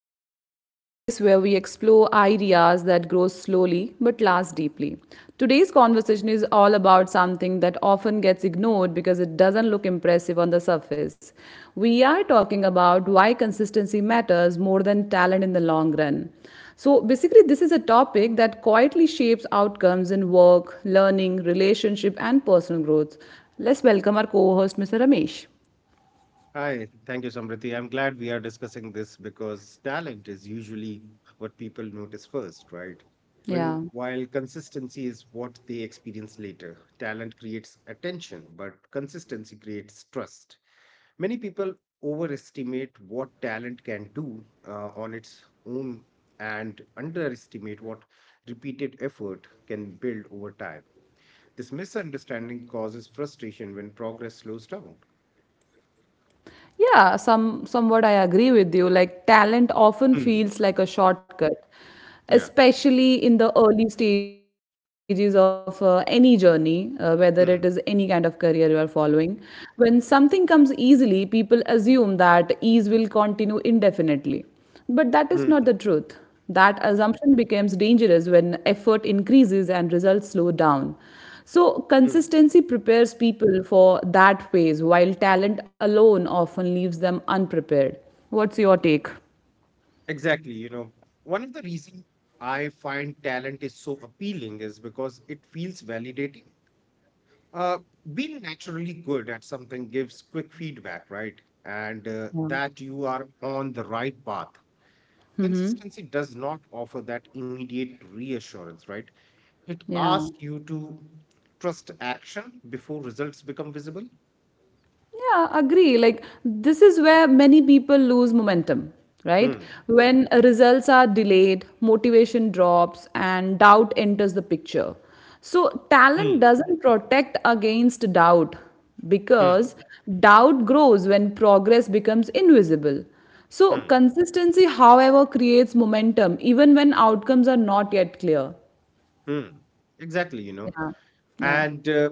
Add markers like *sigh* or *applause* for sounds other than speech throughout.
Forward, a space where we explore ideas that grow slowly but last deeply. Today's conversation is all about something that often gets ignored because it doesn't look impressive on the surface. We are talking about why consistency matters more than talent in the long run. So, basically, this is a topic that quietly shapes outcomes in work, learning, relationship, and personal growth. Let's welcome our co host, Mr. Ramesh. Hi, thank you, Samriti. I'm glad we are discussing this because talent is usually what people notice first, right? When Yeah. while consistency is what they experience later, talent creates attention, but consistency creates trust. Many people overestimate what talent can do on its own and underestimate what repeated effort can build over time. This misunderstanding causes frustration when progress slows down. Yeah, somewhat I agree with you. Like talent often Hmm. feels like a shortcut, Yeah. especially in the early stages of any journey, whether it is any kind of career you are following. When something comes easily, people assume that ease will continue indefinitely. But that is not the Mm, truth. That assumption becomes dangerous when effort increases and results slow down. So, mm. consistency prepares people for that phase, while talent alone often leaves them unprepared. What's your take? Exactly. You know, one of the reasons I find talent is so appealing is because it feels validating. Uh, Being naturally good at something gives quick feedback, right? And that you are on the right path. Consistency does not offer that immediate reassurance, right? It asks Yeah. you to trust action before results become visible. Yeah, agree. Like, this is where many people lose momentum, right? Hmm. When results are delayed, motivation drops, and doubt enters the picture. So, Hmm. talent doesn't protect against doubt Hmm. because doubt grows when progress becomes invisible. So, Hmm. consistency, however, creates momentum even when outcomes are not yet clear. Hmm. Exactly, you know. Yeah. Yeah. And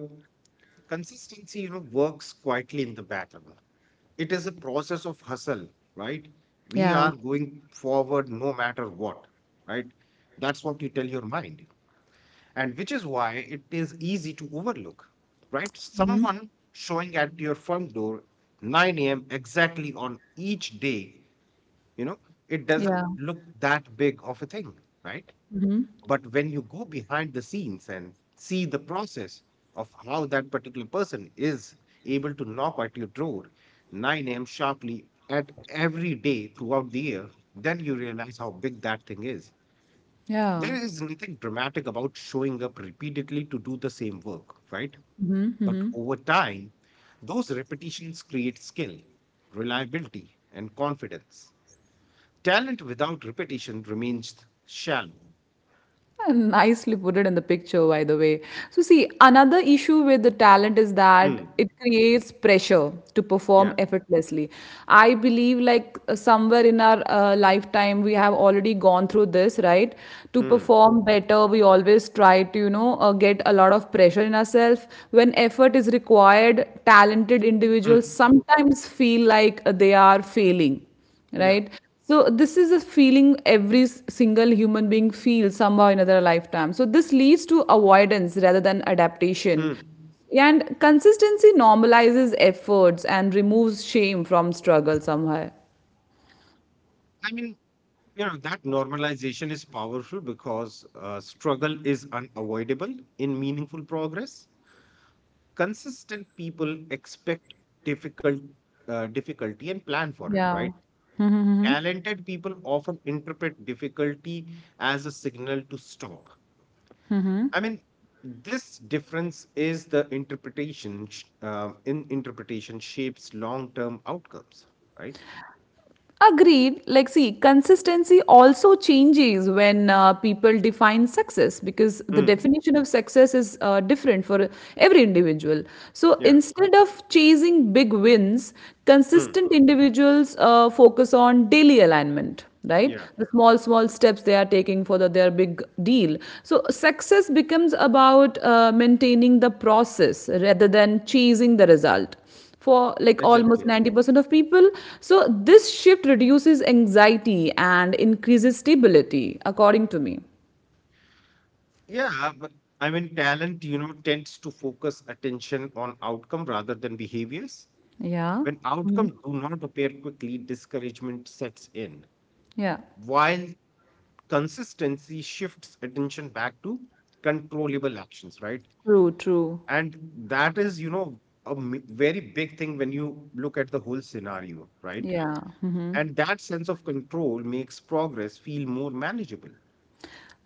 consistency, you know, works quietly in the background. It is a process of hustle, right? We Yeah. are going forward no matter what, right? That's what you tell your mind, and which is why it is easy to overlook. Right, someone showing at your front door 9 a.m exactly on each day, you know, it doesn't Yeah. look that big of a thing, right? But when you go behind the scenes and see the process of how that particular person is able to knock at your door 9 a.m. sharply at every day throughout the year, then you realize how big that thing is. Yeah. There is nothing dramatic about showing up repeatedly to do the same work, right? But over time, those repetitions create skill, reliability, and confidence. Talent without repetition remains shallow. Nicely put it in the picture, by the way. So, see, another issue with the talent is that Hmm. it creates pressure to Yeah. perform effortlessly. I believe, like, somewhere in our lifetime, we have already gone through this, right? To Hmm. perform better, we always try to, get a lot of pressure in ourselves. When effort is required, talented individuals Mm. sometimes feel like they are failing, Yeah. right. So this is a feeling every single human being feels somehow in another lifetime, so this leads to avoidance rather than adaptation, Mm. and consistency normalizes efforts and removes shame from struggle somehow. I mean, you know, that normalization is powerful because struggle is unavoidable in meaningful progress. Consistent people expect difficult difficulty and plan for it, right? Yeah. Talented people often interpret difficulty as a signal to stop. I mean, this difference is the interpretation sh- in interpretation shapes long-term outcomes, right? Agreed. Like, see, consistency also changes when people define success, because the Mm. definition of success is different for every individual. So, Yeah. instead of chasing big wins, Mm. consistent individuals focus on daily alignment, right, Yeah. the small steps they are taking for their big deal. So success becomes about maintaining the process rather than chasing the result, for like almost Exactly. 90% of people. So this shift reduces anxiety and increases stability, according to me. Yeah, but I mean, talent, you know, tends to focus attention on outcome rather than behaviors. Yeah. When outcome do not appear quickly, discouragement sets in, Yeah. while consistency shifts attention back to controllable actions, right? True, true. And that is, you know, very big thing when you look at the whole scenario, right? Yeah. And that sense of control makes progress feel more manageable.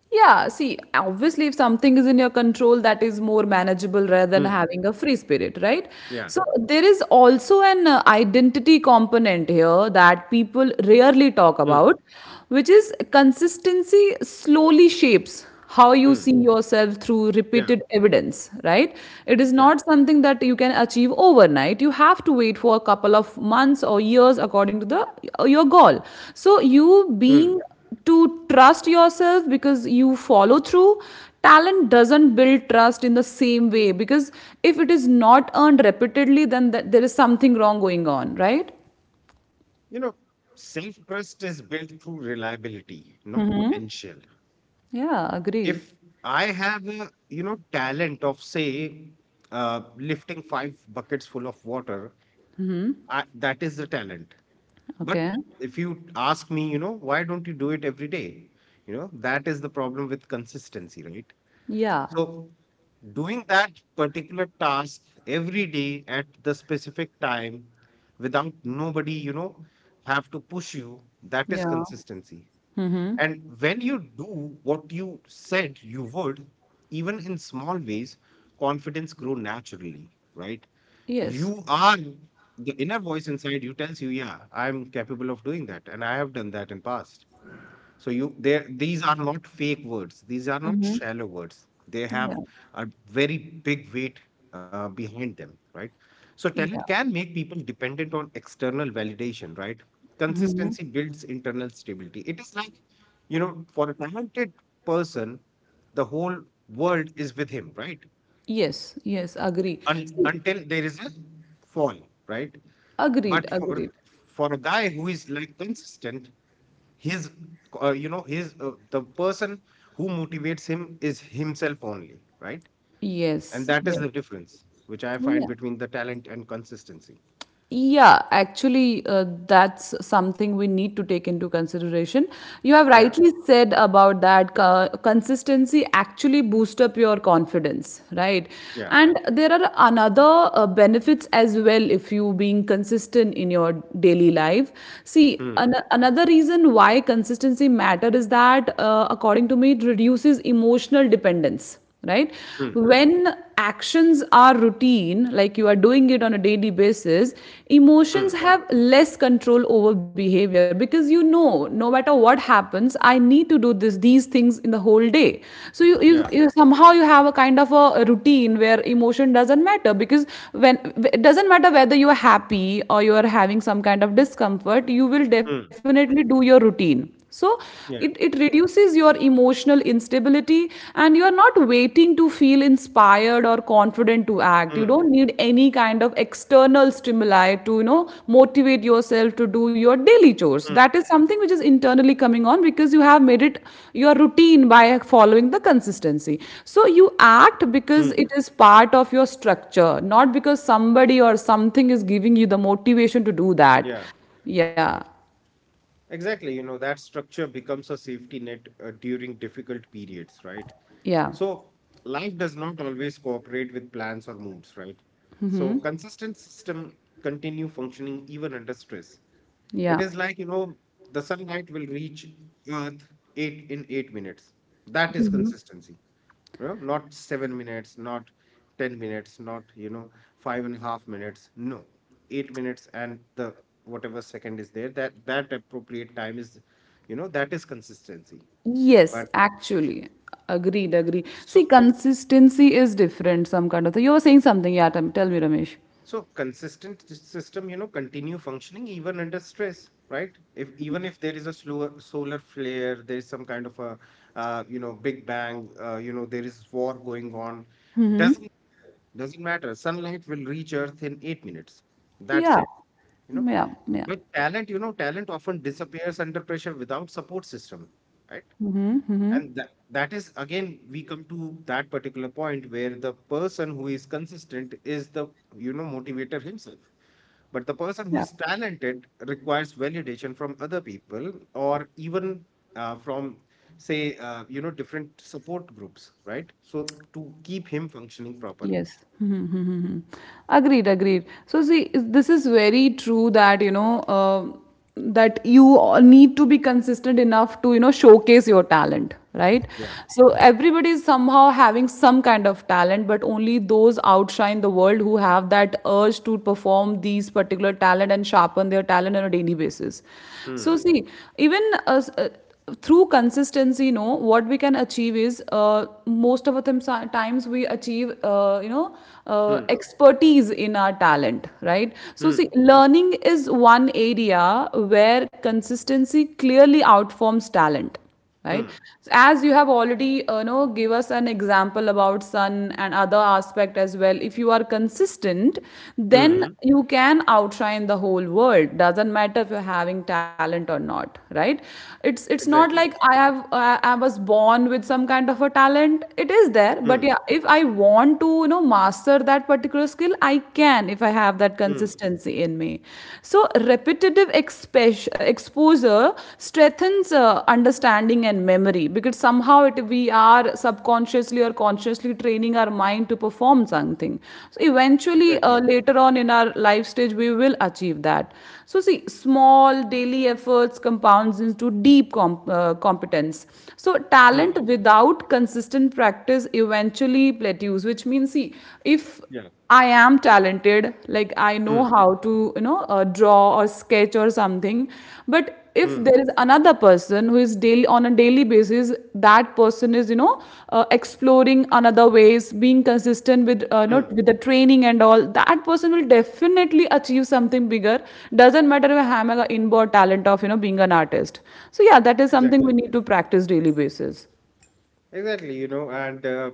Yeah, see, obviously, if something is in your control, that is more manageable rather than Mm. having a free spirit, right? Yeah. So, there is also an identity component here that people rarely talk Mm. about, which is, consistency slowly shapes how you Mm. see yourself through Yeah. repeated evidence, right? It is Yeah. not something that you can achieve overnight. You have to wait for a couple of months or years according to the your goal. So, you Mm. being to trust yourself because you follow through. Talent doesn't build trust in the same way, because if it is not earned repeatedly, then there is something wrong going on, right? You know, self trust is built through reliability, not potential. Yeah, agree. If I have a, you know, talent of, say, lifting five buckets full of water, I, that is the talent. But Okay. if you ask me, you know, why don't you do it every day? You know, that is the problem with consistency, right? Yeah, So, doing that particular task every day at the specific time without nobody, you know, have to push you, that is yeah. consistency. Mm-hmm. And when you do what you said you would, even in small ways, confidence grow naturally, right? Yes. You are the inner voice inside you tells you, yeah, I'm capable of doing that, and I have done that in past. So you there these are not fake words. These are not shallow words. They Yeah, have a very big weight behind them, right? So talent yeah. can make people dependent on external validation, right? Consistency builds internal stability. It is like, you know, for a talented person, the whole world is with him, right? Yes, yes, agree. Un- See. until there is a fall, right? Agreed, But for agreed. for a guy who is like consistent, his you know his the person who motivates him is himself only, right? And Yes, that is yes. the difference which I find Yeah. between the talent and consistency. Yeah, actually, that's something we need to take into consideration. You have Yeah rightly said about that, consistency actually boost up your confidence, right? yeah And there are another benefits as well, if you being consistent in your daily life. hmm. See, another reason why consistency matter is that, according to me, it reduces emotional dependence, right? Hmm. When actions are routine, like you are doing it on a daily basis, Hmm. emotions have less control over behavior, because you know, no matter what happens, I need to do this these things in the whole day. So you, you, yeah you somehow you have a kind of a routine where emotion doesn't matter. Because when it doesn't matter whether you are happy or you are having some kind of discomfort, you will hmm. definitely do your routine. So it, yeah it reduces your emotional instability, and you are not waiting to feel inspired or confident to act. You hmm. don't need any kind of external stimuli to motivate yourself to do your daily chores. Hmm. That is something which is internally coming on, because you have made it your routine by following the consistency. So you act because Hmm. it is part of your structure, not because somebody or something is giving you the motivation to do that. yeah Yeah. Exactly, you know, that structure becomes a safety net during difficult periods, right? Yeah. So life does not always cooperate with plans or moods, right? So consistent system continue functioning even under stress. It Yeah. is like, you know, the sunlight will reach Earth 8 minutes. That is consistency. You know, not 7 minutes, not 10 minutes, not, you know, five and a half minutes. No, 8 minutes and the whatever second is there, that that appropriate time is, you know, that is consistency. Yes, But actually. Agreed, agreed. See, so consistency is different, some kind of thing. You were saying something, yeah. Tell me, Ramesh. So consistent system, you know, continue functioning even under stress, right? If even if there is a slower solar flare, there is some kind of a, you know, big bang, you know, there is war going on. Doesn't doesn't matter. Sunlight will reach Earth in 8 minutes. That's Yeah. it, you know. Yeah, yeah, But talent, you know, talent often disappears under pressure without support system, right? And that is again, we come to that particular point where the person who is consistent is the, you know, motivator himself. But the person who yeah. is talented requires validation from other people or even from, say, you know, different support groups, right? So to keep him functioning properly. Yes. *laughs* Hmm. Hmm. Hmm. Hmm. Agreed, agreed. So, see, this is very true that, that you all need to be consistent enough to, showcase your talent, right? Yeah. So, everybody is somehow having some kind of talent, but only those outshine the world who have that urge to perform these particular talent and sharpen their talent on a daily basis. So, Hmm. see, even through consistency, you know what we can achieve is most of the times we achieve Hmm. expertise in our talent, right? So see, Hmm. learning is one area where consistency clearly outforms talent, right. Hmm. So as you have already know, give us an example about sun and other aspect as well. If you are consistent, then Hmm. you can outshine the whole world, doesn't matter if you're having talent or not, right? It's not like Exactly. I was born with some kind of a talent. It is there, but Hmm. yeah, if I want to master that particular skill, I can, if I have that Hmm. consistency in me. So repetitive exposure strengthens understanding and memory, because somehow we are subconsciously or consciously training our mind to perform something. So eventually, Exactly. later on in our life stage, we will achieve that. So see, small daily efforts compounds into deep competence. So Hmm. talent without consistent practice eventually plateaus, which means, see, if Yeah. I am talented, like I know Hmm. how to, draw or sketch or something. But if Hmm. there is another person who is daily, on a daily basis, that person is, exploring another ways, being consistent with, Hmm. with the training and all. That person will definitely achieve something bigger. Doesn't matter if I have an inborn talent of, being an artist. So yeah, that is something Exactly. we need to practice daily basis. Exactly. You know, and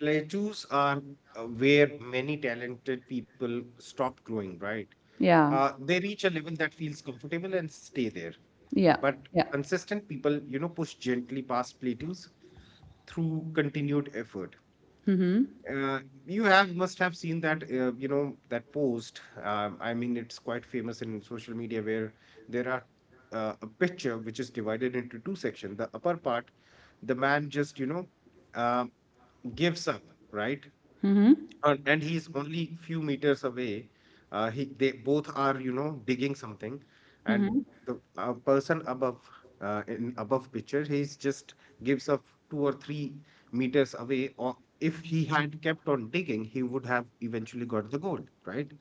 plateaus are where many talented people stop growing, right? Yeah, They reach a level that feels comfortable and stay there. yeah, But yeah. consistent people, you know, push gently past plateaus through continued effort. Uh, you have must have seen that, you know, that post. I mean, it's quite famous in social media where there are a picture which is divided into two sections. The upper part, the man just, you know, uh, gives up, right? And he's only few meters away. He they both are, you know, digging something, and the person above in above picture he's just gives up 2 or 3 meters away. Or if he had kept on digging, he would have eventually got the gold, right?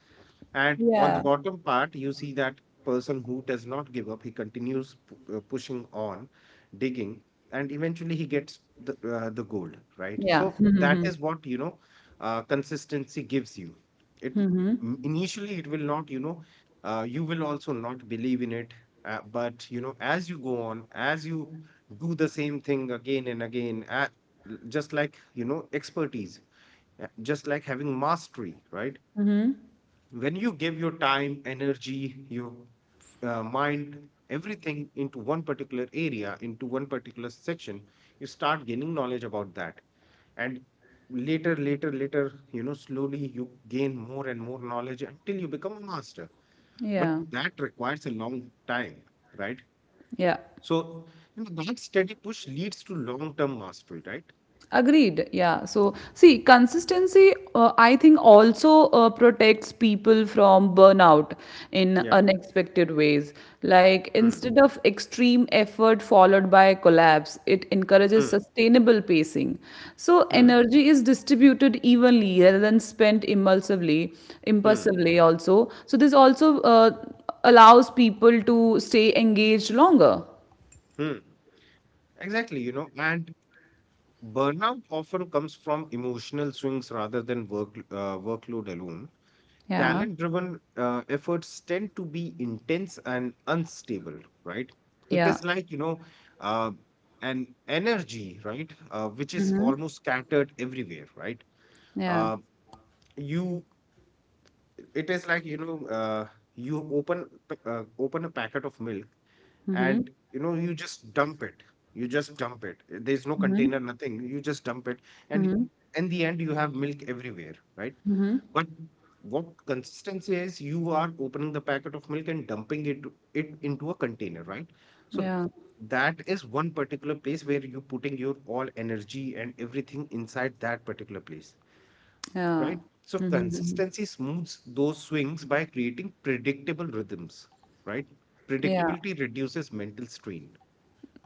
And on the Yeah, bottom part, you see that person who does not give up, he continues pushing on, digging, and eventually he gets the gold, right? yeah. So that is what, you know, consistency gives you. It initially it will not, you know, you will also not believe in it. But you know, as you go on, as you do the same thing again and again, just like, you know, expertise, just like having mastery, right? When you give your time, energy, your mind, everything into one particular area, into one particular section, you start gaining knowledge about that, and later, you know, slowly you gain more and more knowledge until you become a master. But *laughs* Yeah. that requires a long time, right? Yeah, So, you know, that steady push leads to long term mastery, right? agreed. Yeah. So, see, consistency, I think, also protects people from burnout in yeah unexpected ways. Like, Hmm. instead of extreme effort followed by collapse, it encourages Hmm. sustainable pacing. So, Hmm. energy is distributed evenly rather than spent impulsively, Hmm. impulsively also. So, this also allows people to stay engaged longer. Hmm. Exactly, you know, and burnout often comes from emotional swings rather than workload alone. Yeah. Talent driven efforts tend to be intense and unstable, right? It Yeah. is like, you know, uh, an energy, right? Which is almost scattered everywhere, right? Yeah. Uh, you, it is like, you know, open a packet of milk, and you know you just dump it. There's no container, nothing, you just dump it, Hmm. and in the end you have milk everywhere, right? But what consistency is, you are opening the packet of milk and dumping it into a container, right? So Yeah. that is one particular place where you're putting your all energy and everything inside that particular place, Yeah, right? So consistency smooths those swings by creating predictable rhythms, right? yeah, Predictability reduces mental strain.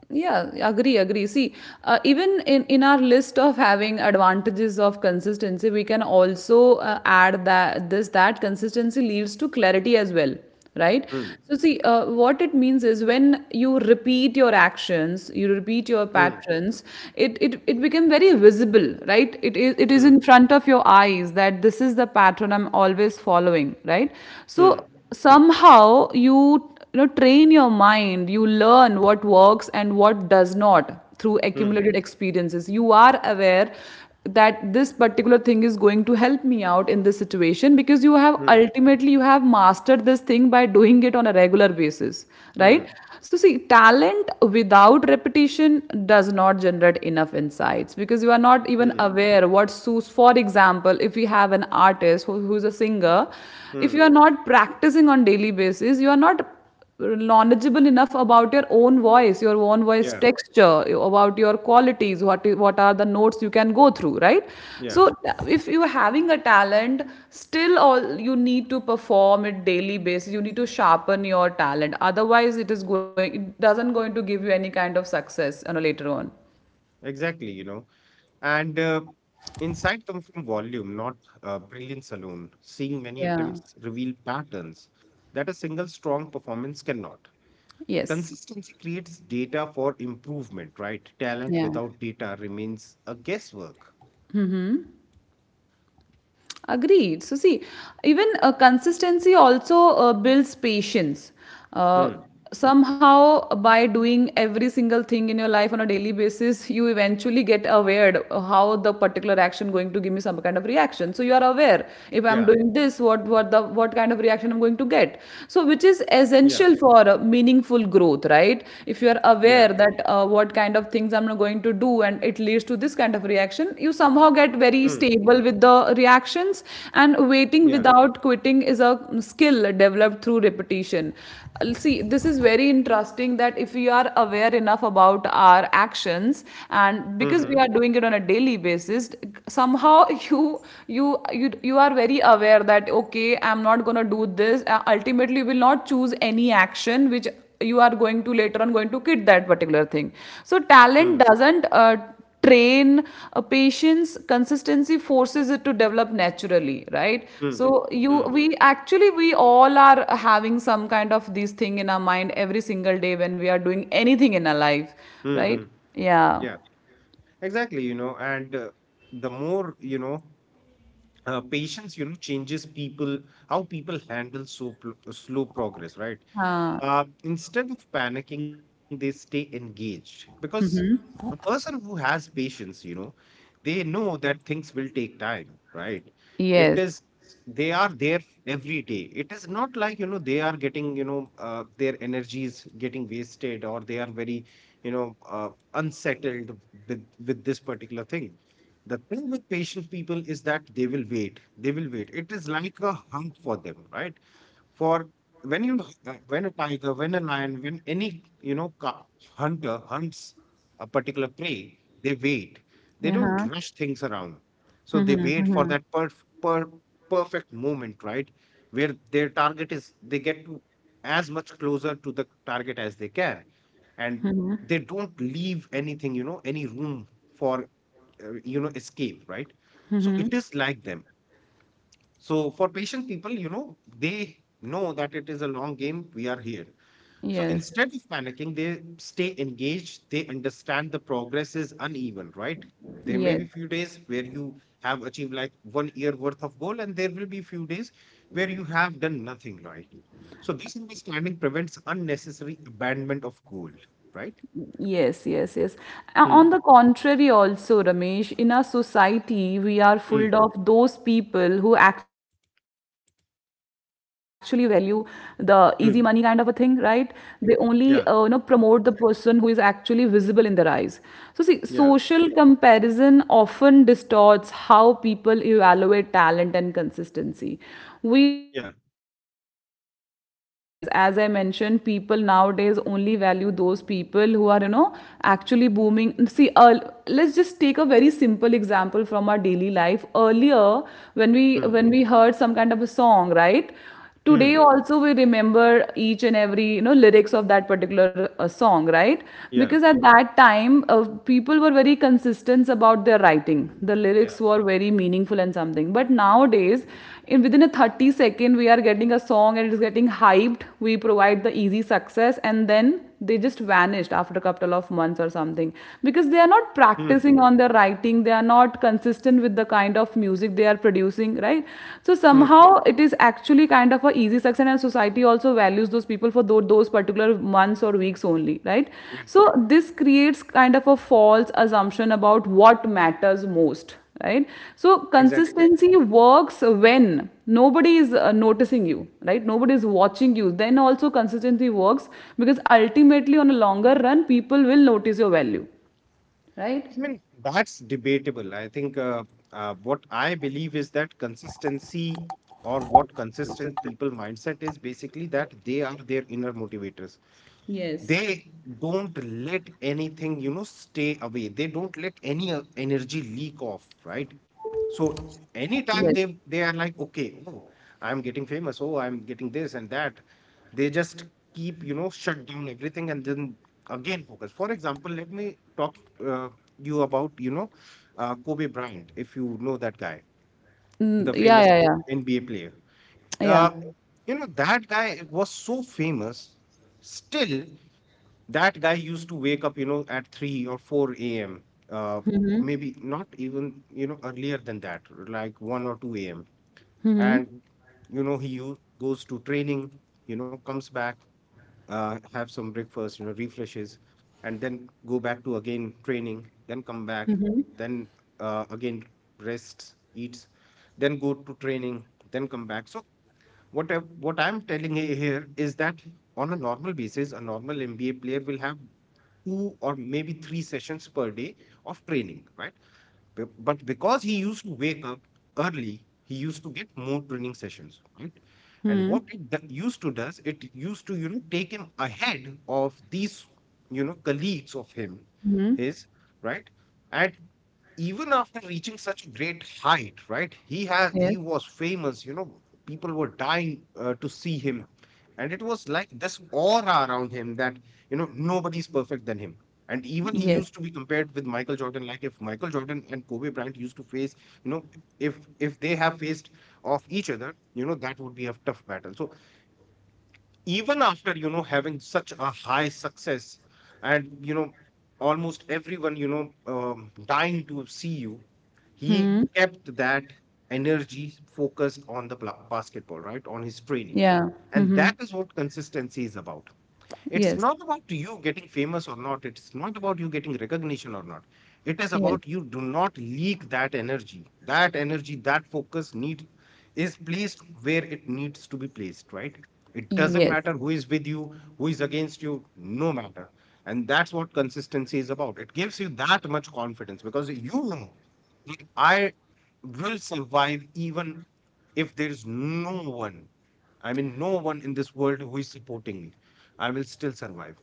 yeah. Agree, agree. See, even in our list of having advantages of consistency, we can also add that, this that consistency leads to clarity as well, right? Hmm. So, see, what it means is, when you repeat your actions, you repeat your Hmm. patterns. It become very visible, right? It is Hmm. in front of your eyes that this is the pattern I'm always following, right? Hmm. So somehow you know, train your mind, you learn what works and what does not, through Hmm. accumulated experiences. You are aware that this particular thing is going to help me out in this situation, because you have Hmm. ultimately you have mastered this thing by doing it on a regular basis, right? Hmm. So see, talent without repetition does not generate enough insights, because you are not even Hmm. aware what suits. For example, if we have an artist who's a singer, if Hmm. you are not practicing on daily basis, you are not knowledgeable enough about your own voice Yeah. texture, about your qualities, what are the notes you can go through, right? Yeah. So if you're having a talent, still, all you need to perform it daily basis, you need to sharpen your talent, otherwise it doesn't going to give you any kind of success, later on. Exactly. You know, and insight comes from volume, not brilliance alone. Seeing many Yeah. attempts reveal patterns that a single strong performance cannot. Yes. Consistency creates data for improvement, right? Talent Yeah. without data remains a guesswork. Agreed. So, see, even consistency also builds patience. Uh, Hmm. Somehow, by doing every single thing in your life on a daily basis, you eventually get aware of how the particular action going to give me some kind of reaction. So, you are aware, if Yeah. I'm doing this, what kind of reaction I'm going to get. So, which is Yeah. essential for meaningful growth, right? If you are Yeah. aware that what kind of things I'm going to do, and it leads to this kind of reaction. You somehow get very Hmm. stable with the reactions, and waiting Yeah. without quitting is a skill developed through repetition. See, this is very interesting that if we are aware enough about our actions, and because Hmm. we are doing it on a daily basis, somehow *laughs* you you are very aware that okay, I'm not gonna do this. Ultimately, you will not choose any action which you are going to later on going to quit that particular thing. So Hmm. talent doesn't train patience. Consistency forces it to develop naturally, right? Hmm. So you Hmm. we actually we all are having some kind of this thing in our mind every single day when we are doing anything in our life, Hmm. right? Hmm. Yeah. Yeah. Exactly, you know, and the more, you know, patience, you know, changes people, how people handle slow progress, right? uh, Instead of panicking, they stay engaged because a person who has patience, you know, they know that things will take time, right? It yes is, they are there every day. It is not like, you know, they are getting, you know, their energy is getting wasted or they are very, you know, unsettled with this particular thing. The thing with patient people is that they will wait. They will wait. It is like a hunt for them, right? For when you When a tiger, when a lion, when any you know hunter hunts a particular prey, they wait. They don't Uh-huh. rush things around. So they wait for that per perfect moment, right? Where their target is, they get to as much closer to the target as they can, and they don't leave anything, you know, any room for you know escape, right? So it is like them. So for patient people, you know, they know that it is a long game. We are here. So Yes. instead of panicking, they stay engaged. They understand the progress is uneven, right? There may Yes. be few days where you have achieved like one year worth of goal, and there will be few days where you have done nothing, right? So this understanding prevents unnecessary abandonment of goal, right? Yes, yes, yes. On Hmm. the contrary, also, Ramesh, in our society, we are full Hmm. of those people who actually value the easy money kind of a thing, right? Hmm. They only, you know, promote Yeah. the person who is actually visible in their eyes. So, see, Yeah. social comparison often distorts how people evaluate talent and consistency. We feel Yeah. like we notice early success. As I mentioned, people nowadays only value those people who are, you know, actually booming. See, let's just take a very simple example from our daily life. Earlier, when we Hmm. when we heard some kind of a song, right? Today Hmm. also we remember each and every you know lyrics of that particular song, right? Because Yeah. at that time, people were very consistent about their writing. The lyrics Yeah. were very meaningful and something, but nowadays in within a 30 second we are getting a song and it's getting hyped. We provide the easy success and then they just vanished after a couple of months or something, because they are not Hmm. practicing on their writing, they are not consistent with the kind of music they are producing, right? So Hmm. somehow it is actually kind of a easy success, and society also values those people for those particular months or weeks only, right? Yeah. So this creates kind of a false assumption about what matters most, right? So Exactly. consistency works when nobody is noticing you, right? Nobody is watching you, then also consistency works, because ultimately on a longer run people will notice your value, right? I mean, that's debatable. I think what I believe is that consistency, or what consistent people mindset is, basically that they are their inner motivators. Yes. They don't let anything, you know, stay away. They don't let any energy leak off, right? So anytime Yes. they are like, okay, oh, I'm getting famous, oh, I'm getting this and that, they just keep, you know, shut down everything and then again focus. For example, let me talk, uh, you, about, you know, Kobe Bryant, if you know that guy, Mm, the yeah, famous yeah, yeah. NBA player. Yeah. uh, you know, that guy was so famous. Still, that guy used to wake up, you know, at 3 or 4 a.m, uh maybe not even, you know, earlier than that, like 1 or 2 a.m. And, you know, he goes to training, you know, comes back, have some breakfast, you know, refreshes, and then go back to again training, then come back, then again rests, eats, then go to training, then come back. So what I, what I'm telling you here is that on a normal basis, a normal mba player will have two or maybe three sessions per day of training, right? But because he used to wake up early, he used to get more training sessions, right? And Hmm. what it used to does, it used to, you know, take him ahead of these, you know, colleagues of him, Hmm. his, right, at, even after reaching such great height, right? He has Yes. he was famous. You know, people were dying to see him, and it was like this aura around him that, you know, nobody's perfect than him. And even he Yes. used to be compared with Michael Jordan. Like, if Michael Jordan and Kobe Bryant used to face, you know, if they have faced off each other, you know, that would be a tough battle. So even after, you know, having such a high success, and, you know, almost everyone, you know, dying to see you, Hmm. he kept that energy focused on the basketball, right, on his training. Yeah. And Hmm. that is what consistency is about. It's Yes. not about you getting famous or not. It's not about you getting recognition or not. It is Yes. about you do not leak that energy. That energy, that focus need is placed where it needs to be placed, right? It doesn't Yes. matter who is with you, who is against you, no matter. And that's what consistency is about. It gives you that much confidence because you know that I will survive, even if there is no one. I mean, no one in this world who is supporting me. I will still survive,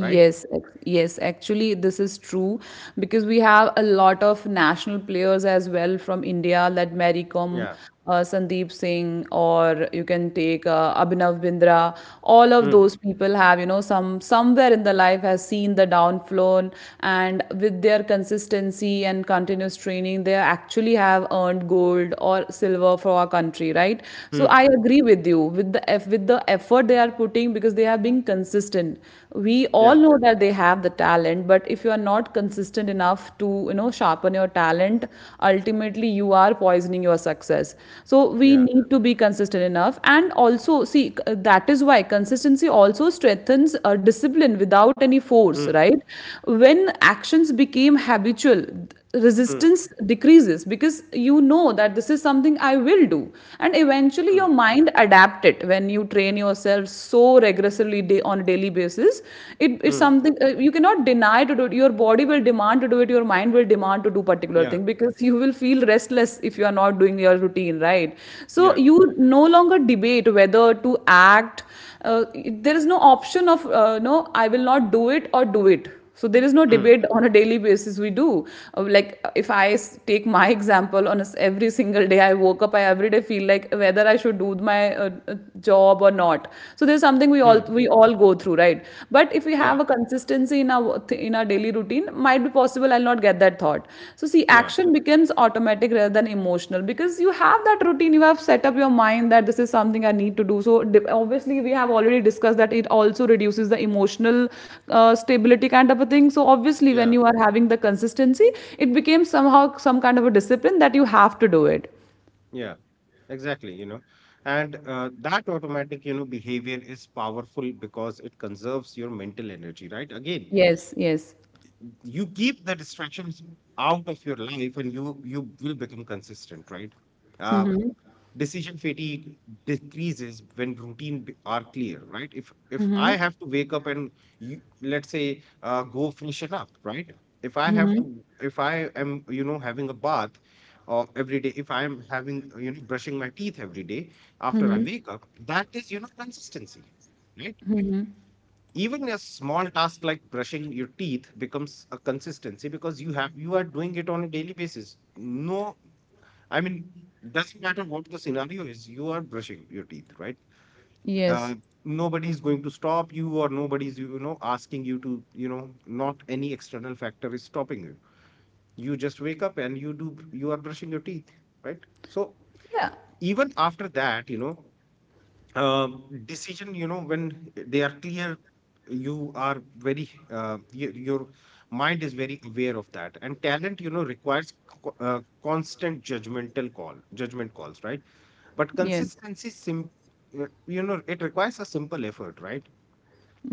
right? ex- yes, actually, this is true, because we have a lot of national players as well from India, like Mary Kom, Yeah. Sandeep Singh, or you can take Abhinav Bindra. All of Hmm. those people have, you know, some somewhere in the life has seen the downfall, and with their consistency and continuous training, they actually have earned gold or silver for our country, right? So Hmm. I agree with you with the with the effort they are putting, because they are being consistent. We Yeah. all know that they have the talent, but if you are not consistent enough to you know sharpen your talent, ultimately you are poisoning your success. So we Yeah. need to be consistent enough. And also see, that is why consistency also strengthens discipline without any force, Hmm. right? When actions became habitual, Hmm. resistance decreases because you know that this is something I will do. And eventually your Hmm. mind adapt it when you train yourself so regressively day on a daily basis. It's Hmm. something you cannot deny to do it. Your body will demand to do it. Your mind will demand to do particular Yeah. thing because you will feel restless if you are not doing your routine, right? So Yeah. you no longer debate whether to act. There is no option of, no, I will not do it or do it. So there is no Hmm. debate on a daily basis we do. Like, if take my example on a s every single day I woke up, I every day feel like whether I should do my job or not. So there's something we all Hmm. we all go through, right? But if we Yeah. have a consistency in our in our daily routine, might be possible I'll not get that thought. So, see, Yeah. action becomes automatic rather than emotional because you have that routine, you have set up your mind that this is something I need to do. So, obviously, we have already discussed that it also reduces the emotional stability kind of a thing. So, obviously, when Yeah. you are having the consistency, it becomes somehow some kind of a discipline that you have to do it. Yeah. Exactly. You know, and that automatic, you know, behavior is powerful because it conserves your mental energy, right? Again, Yes, yes, you keep the distractions out of your life, and you will become consistent, right? uh, Decision fatigue decreases when are clear, right? If I have to wake up and, you, let's say, go freshen up, right? If I have to, if I am, you know, having a bath, or every day if I am having, you know, brushing my teeth every day after I wake up, that is, you know, consistency, right? Even a small task like brushing your teeth becomes a consistency because you have you are doing it on a daily basis. No, I mean, doesn't matter what the scenario is, you are brushing your teeth, right? uh, yes. Nobody is going to stop you, or nobody is, you know, asking you to, you know, not any external factor is stopping you. You just wake up and you are brushing your teeth, right? So Yeah, even after that, you know, uh, decision, you know, when they are clear, you are very your mind is very aware of that. And talent, you know, requires constant judgment calls, right? But yes. You know, it requires a simple effort, right?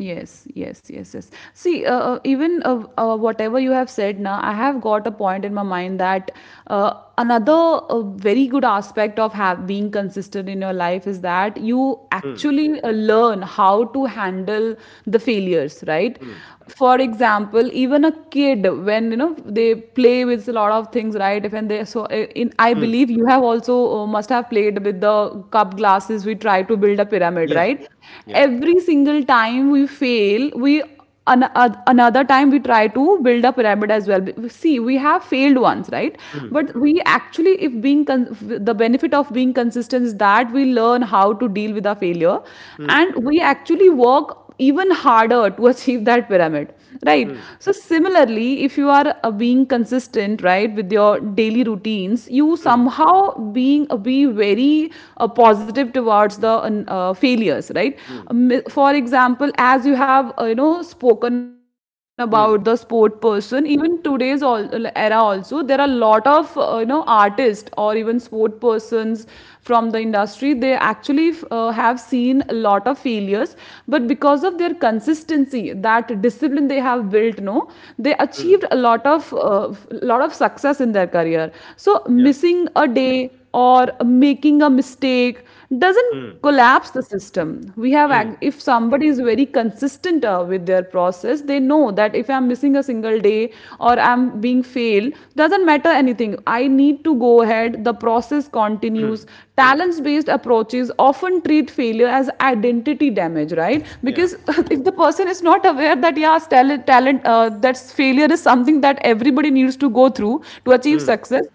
Yes, yes, yes, yes. See, even whatever you have said now, I have got a point in my mind that another very good aspect of being consistent in your life is that you Hmm. actually learn how to handle the failures, right? Hmm. For example, even a kid, when you know they play with a lot of things, right, if and they, so in I Hmm. believe you have also must have played with the cup glasses. We try to build a pyramid, Yeah. right? Yeah. Every single time we fail, we another time we try to build a pyramid as well. See, we have failed once, right? Hmm. But we actually, if being the benefit of being consistent is that we learn how to deal with our failure, Hmm. and we actually work even harder to *laughs* achieve that pyramid, right? Hmm. So similarly, if you are being consistent, right, with your daily routines, you Hmm. somehow being be very positive towards the failures, right? Hmm. For example, as you have you know spoken about the sport Hmm. person, even today's all, era also, there are a lot of you know artists or even sport persons from the industry, they actually have seen a lot of failures. But because of their consistency, that discipline they have built, no, they Hmm. achieved a lot of lot of success in their career. So Yeah. missing a day or making a mistake doesn't Hmm. collapse the system. We have Hmm. if somebody is very consistent with their process, they know that if I'm missing a single day or I'm being failed, doesn't matter anything, I need to go ahead, the process continues. Hmm. Talents based approaches often treat failure as identity damage, right? Yeah. Because *laughs* if the person is not aware that yes talent talent that's failure is something that everybody needs to go through to achieve Hmm. success,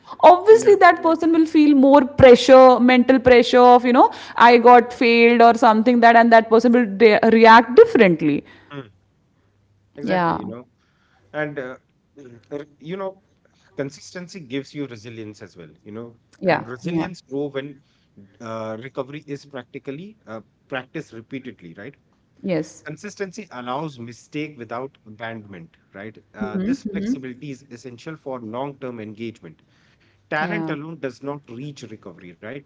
Yeah. obviously that person will feel more pressure, mental pressure of you know I got failed or something that, and that person will react differently. Hmm. Exactly, Yeah. you know, and you know, consistency gives you resilience as well, you know. And Yeah. Yeah. resilience grow when recovery is practically practiced repeatedly, right? Yes. Consistency allows mistake without abandonment, right? This flexibility is essential for long term engagement. Talent Yeah. alone does not reach recovery, right?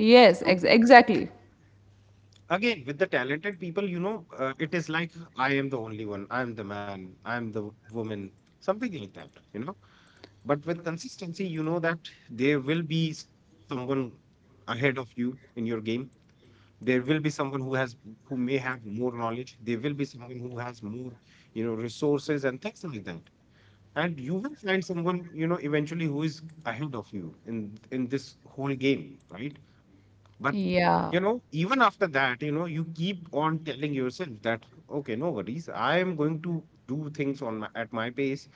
Yes, ex- So exactly. again, with the talented people, you know, it is like, I am the only one, I am the man, I am the woman, something like that, you know. But with consistency, you know that there will be someone ahead of you in your game. There will be someone who may have more knowledge. There will be someone who has more, you know, resources and things like that. And you will find someone, you know, eventually, who is ahead of you in this whole game, right? But, Yeah. you know, even after that, you know, you keep on telling yourself that, okay, no worries, I am going to do things on my, at my pace,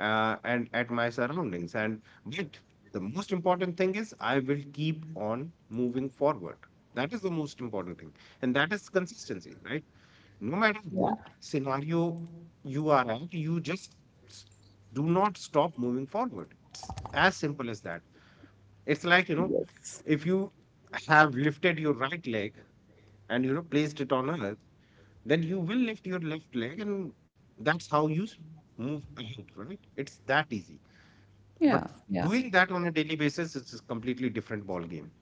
and at my surroundings. And but the most important thing is I will keep on moving forward. That is the most important thing, and that is consistency, right? No matter what Yeah. scenario you are at, you just s- do not stop moving forward. It's as simple as that. It's like, you know, Yes. if you have lifted your right leg and, you know, placed it on earth, then you will lift your left leg, and that's how you move ahead, right? It's that easy. Yeah. But Yeah. doing that on a daily basis is a completely different ball game.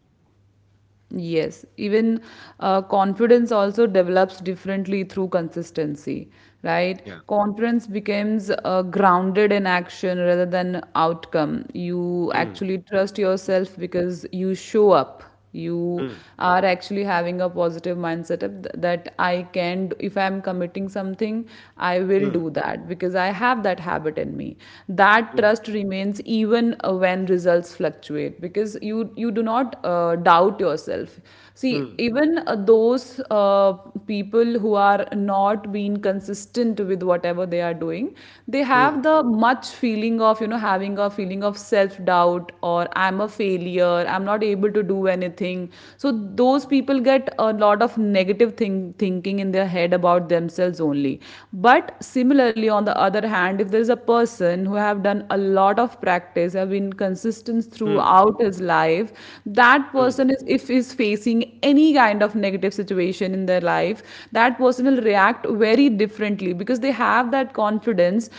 Yes, even confidence also develops differently through consistency, right? Yeah. Confidence becomes grounded in action rather than outcome. You Mm. actually trust yourself because you show up. You Mm. are actually having a positive mindset of that I can, if I'm committing something, I will do Mm. that because I have that habit in me. That Yeah. trust remains even when results fluctuate because you do not doubt yourself. See, Mm. even those people who are not being consistent with whatever they are doing, they have Mm. the much feeling of you know having a feeling of self doubt, or I'm a failure, I'm not able to do anything. So those people get a lot of negative thinking in their head about themselves only. But similarly, on the other hand, if there is a person who have done a lot of practice, have been consistent Mm. throughout his life, that Mm. person is if is facing any kind of negative situation in their life, that person will react very differently because they have that confidence.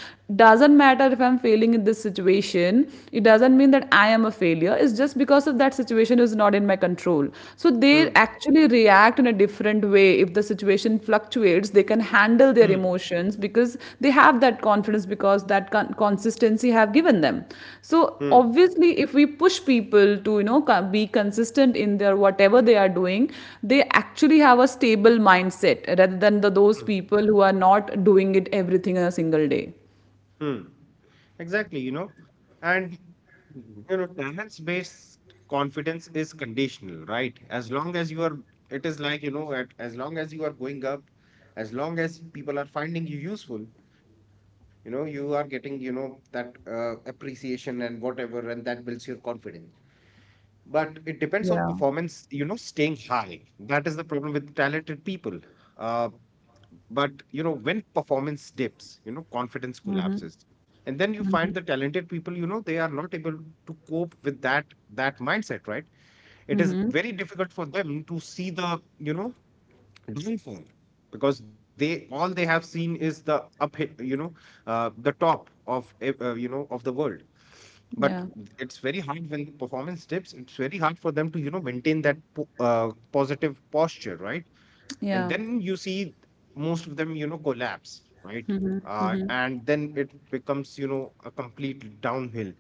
Doesn't matter if I'm failing in this situation, it doesn't mean that I am a failure, it's just because of that situation is not in my control. So they Mm. actually react in a different way. If the situation fluctuates, they can handle their Mm. emotions because they have that confidence, because that consistency have given them. So Mm. obviously if we push people to you know be consistent in their whatever they are doing, they actually have a stable mindset rather than those Mm. people who are not doing it everything in a single day. Hmm. Exactly, you know, and, you know, talents based confidence is conditional, right? As long as you are, it is like, you know, as long as you are going up, as long as people are finding you useful, you know, you are getting, you know, that appreciation and whatever, and that builds your confidence. But it depends on Yeah, performance, you know, staying high. That is the problem with talented people. Uh, but, you know, when performance dips, you know, confidence collapses, and then you find the talented people, you know, they are not able to cope with that mindset, right? It is very difficult for them to see the, you know, downfall, because they, all they have seen is the up, you know, the top of you know, of the world. But yeah, it's very hard when the performance dips. It's very hard for them to, you know, maintain that positive posture, right? And yeah, then you see most of them, you know, collapse, right? And then it becomes, you know, a complete downhill.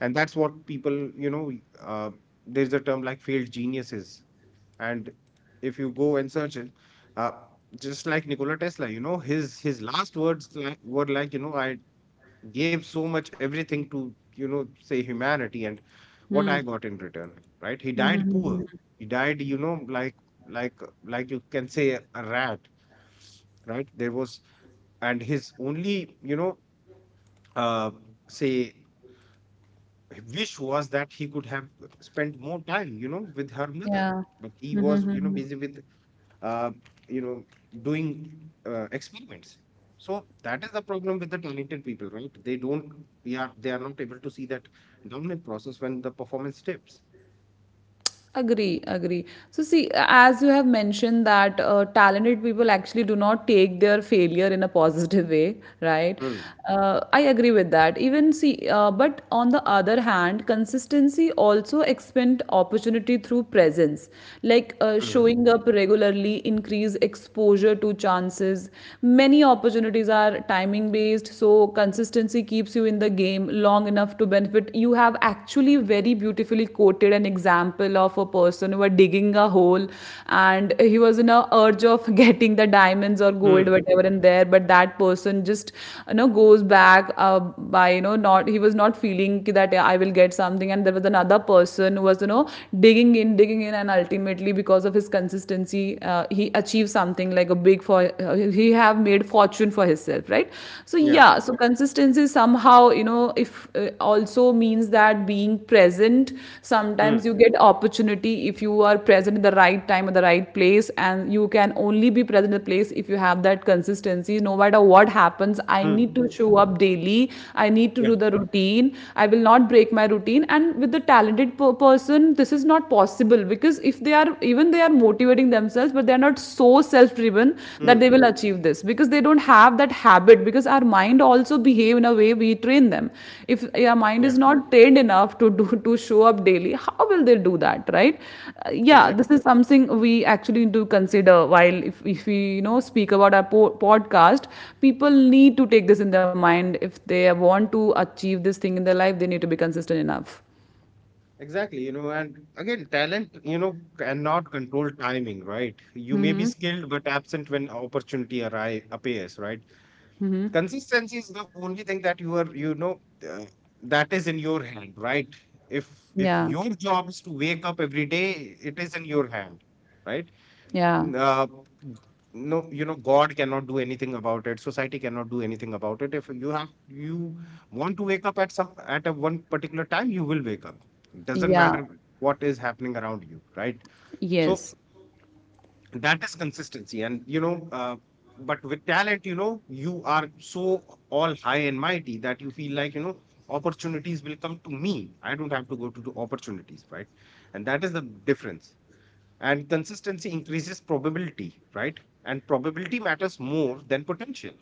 And that's what people, you know, uh, there's a term like failed geniuses. And if you go and search it, uh, just like Nikola Tesla, you know, his last words were like, you know, I gave so much everything to, you know, say humanity, and what I got in return, right? He died poor. He died, you know, like, like you can say, a rat, right? There was, and his only, you know, uh, say, wish was that he could have spent more time, you know, with her mother. yeah. But he was, you know, busy with, uh, you know, doing experiments. So that is the problem with the talented people, right? They don't, we are, they are not able to see that dominant process when the performance dips. Agree, agree. So, see, as you have mentioned, that talented people actually do not take their failure in a positive way, right? Hmm. I agree with that. Even see, but on the other hand, consistency also expand opportunity through presence, like Hmm. showing up regularly, increase exposure to chances. Many opportunities are timing based, so consistency keeps you in the game long enough to benefit. You have actually very beautifully quoted an example of a person who was digging a hole, and he was in a urge of *laughs* getting the diamonds or gold, Hmm. whatever, in there. But that person just, goes back, by, not, he was not feeling ki that, "Yeah, I will get something." And there was another person who was, digging in, digging in, and ultimately, because of his consistency, he achieved something like a big for, he have made fortune for himself, right? So Yeah. yeah, so consistency somehow, if uh, also means that being present, sometimes you Hmm. get opportunity if you are present at the right time, at the right place, and you can only be present in the place if you have that consistency. No matter what happens, I need to Hmm. show up daily. I need to do Yeah. the routine. I will not break my routine. And with the talented person, this is not possible, because if they are, even they are motivating themselves, but they are not so self driven that they will Hmm. achieve this, because they don't have that habit, because our mind also behave in a way we train them. If your mind Yeah. is not trained enough to show up daily, how will they do that, right? Yeah, this Exactly. is something we actually need to consider. While if, we, speak about our podcast, people need to take this in their mind. If they want to achieve this thing in their life, they need to be consistent enough. Exactly, you know, and again, talent, you know, cannot control timing, right? You may be skilled but absent when opportunity arri appears, right? Consistency is the only thing that you are, you know, uh, that is in your hand, right? If if Yeah, your job is to wake up every day, it is in your hand, right? yeah, uh, no, you know, god cannot do anything about it. Society cannot do anything about it. If you have you want to wake up at some at a one particular time, you will wake up. It doesn't yeah. matter what is happening around you, right? So Yes. that is consistency. And but with talent, you know, you are so all high and mighty that you feel like, you know, opportunities will come to me, I don't have to go to the opportunities, right? And that is the difference. And consistency increases probability, right? And probability matters more than potential.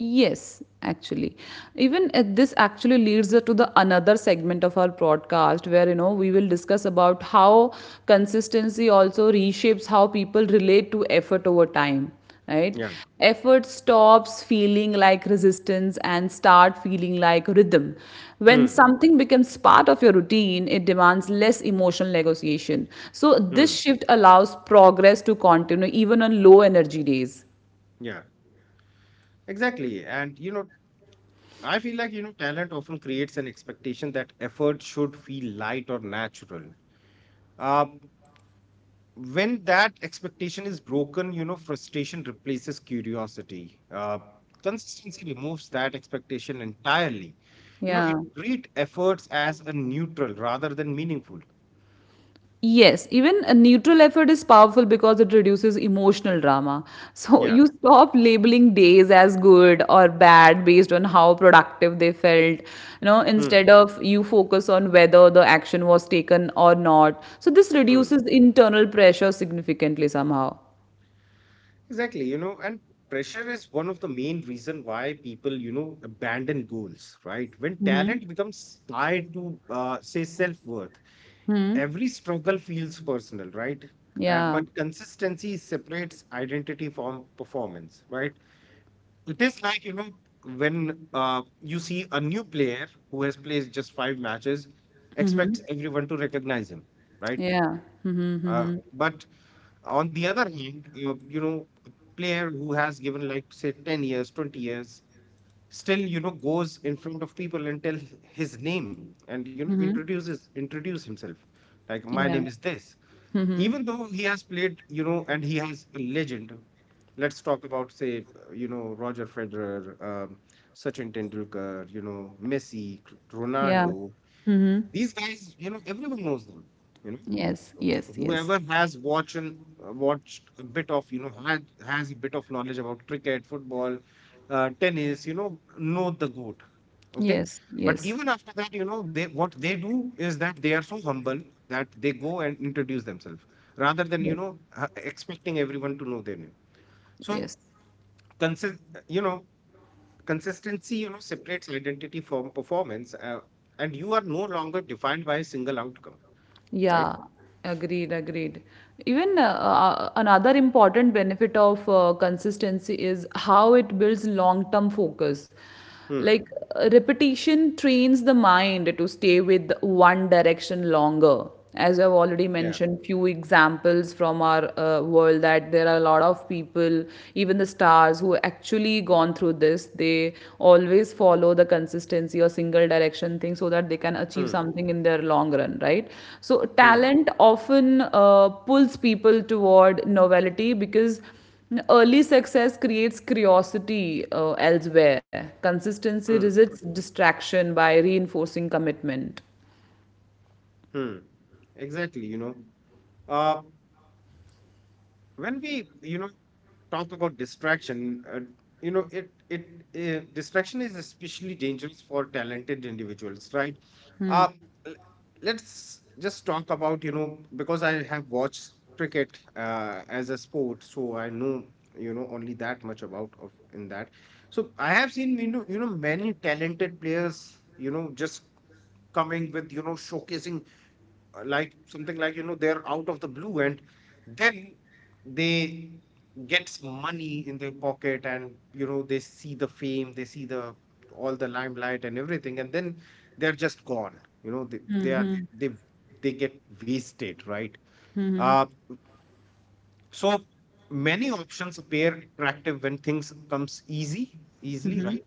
Yes, actually. Even this actually leads to the another segment of our broadcast, where, we will discuss about how consistency also reshapes how people relate to effort over time, right? Yeah. Effort stops feeling like resistance and start feeling like rhythm. When Hmm. something becomes part of your routine, it demands less emotional negotiation. So this Hmm. shift allows progress to continue even on low energy days. Yeah, exactly. And you know, I feel like, you know, talent often creates an expectation that effort should feel light or natural. um when that expectation is broken, you know, frustration replaces curiosity. Consistency removes that expectation entirely. You know, Yeah. it treat efforts as a neutral rather than meaningful. Yes, even a neutral effort is powerful, because it reduces emotional drama. So Yeah. you stop labeling days as good or bad based on how productive they felt. You know, Hmm. instead of, you focus on whether the action was taken or not. So this reduces internal pressure significantly somehow. Exactly, you know, and pressure is one of the main reason why people, you know, abandon goals, right? When talent becomes tied to, say, self-worth, every struggle feels personal, right? Yeah. But consistency separates identity from performance, right? It is like, you know, when you see a new player who has played just five matches, expects everyone to recognize him, right? Yeah. Mm-hmm. Mm-hmm. But on the other hand, you know, a player who has given, like say, 10 years, 20 years, still, you know, goes in front of people and tell his name and, you know, introduce himself. Like, my name Yeah. is this. Even though he has played, you know, and he has a legend. Let's talk about, say, you know, Roger Federer, Sachin Tendulkar, you know, Messi, Yeah. Ronaldo, these guys, you know, everyone knows them. You Yes. know, Yes. Yes. whoever has watched and watched a bit of, you know, had has a bit of knowledge about cricket, football, tennis. You know the goat. Okay, Yes. but Yes. even after that, you know, they what they do is that they are so humble that they go and introduce themselves rather than, you Yes. know, expecting everyone to know their name. So, Yes. consi- you know, consistency, you know, separates identity from performance. And you are no longer defined by a single outcome, right? Yeah, agreed, agreed. Even another important benefit of consistency is how it builds long-term focus. Hmm. Like repetition trains the mind to stay with one direction longer. As I've already Yeah. mentioned, few examples from our world, that there are a lot of people, even the stars, who actually gone through this. They always follow the consistency or single direction thing, so that they can achieve Hmm. something in their long run, right? So Hmm. talent often pulls people toward novelty, because early success creates curiosity, elsewhere. Consistency Hmm. resists distraction by reinforcing commitment. Hmm. Exactly. You know, uh, when we, you know, talk about distraction, it distraction is especially dangerous for talented individuals, right? Uh, l- let's just talk about, you know, because I have watched cricket as a sport, so I know, you know, only that much about of in that. So I have seen, you know, you know, many talented players, you know, just coming with, you know, showcasing like something like, you know, they're out of the blue, and then they gets money in their pocket, and you know, they see the fame, they see the all the limelight and everything, and then they're just gone. You know, they get wasted, right? uh so many options appear attractive when things comes easy easily, right?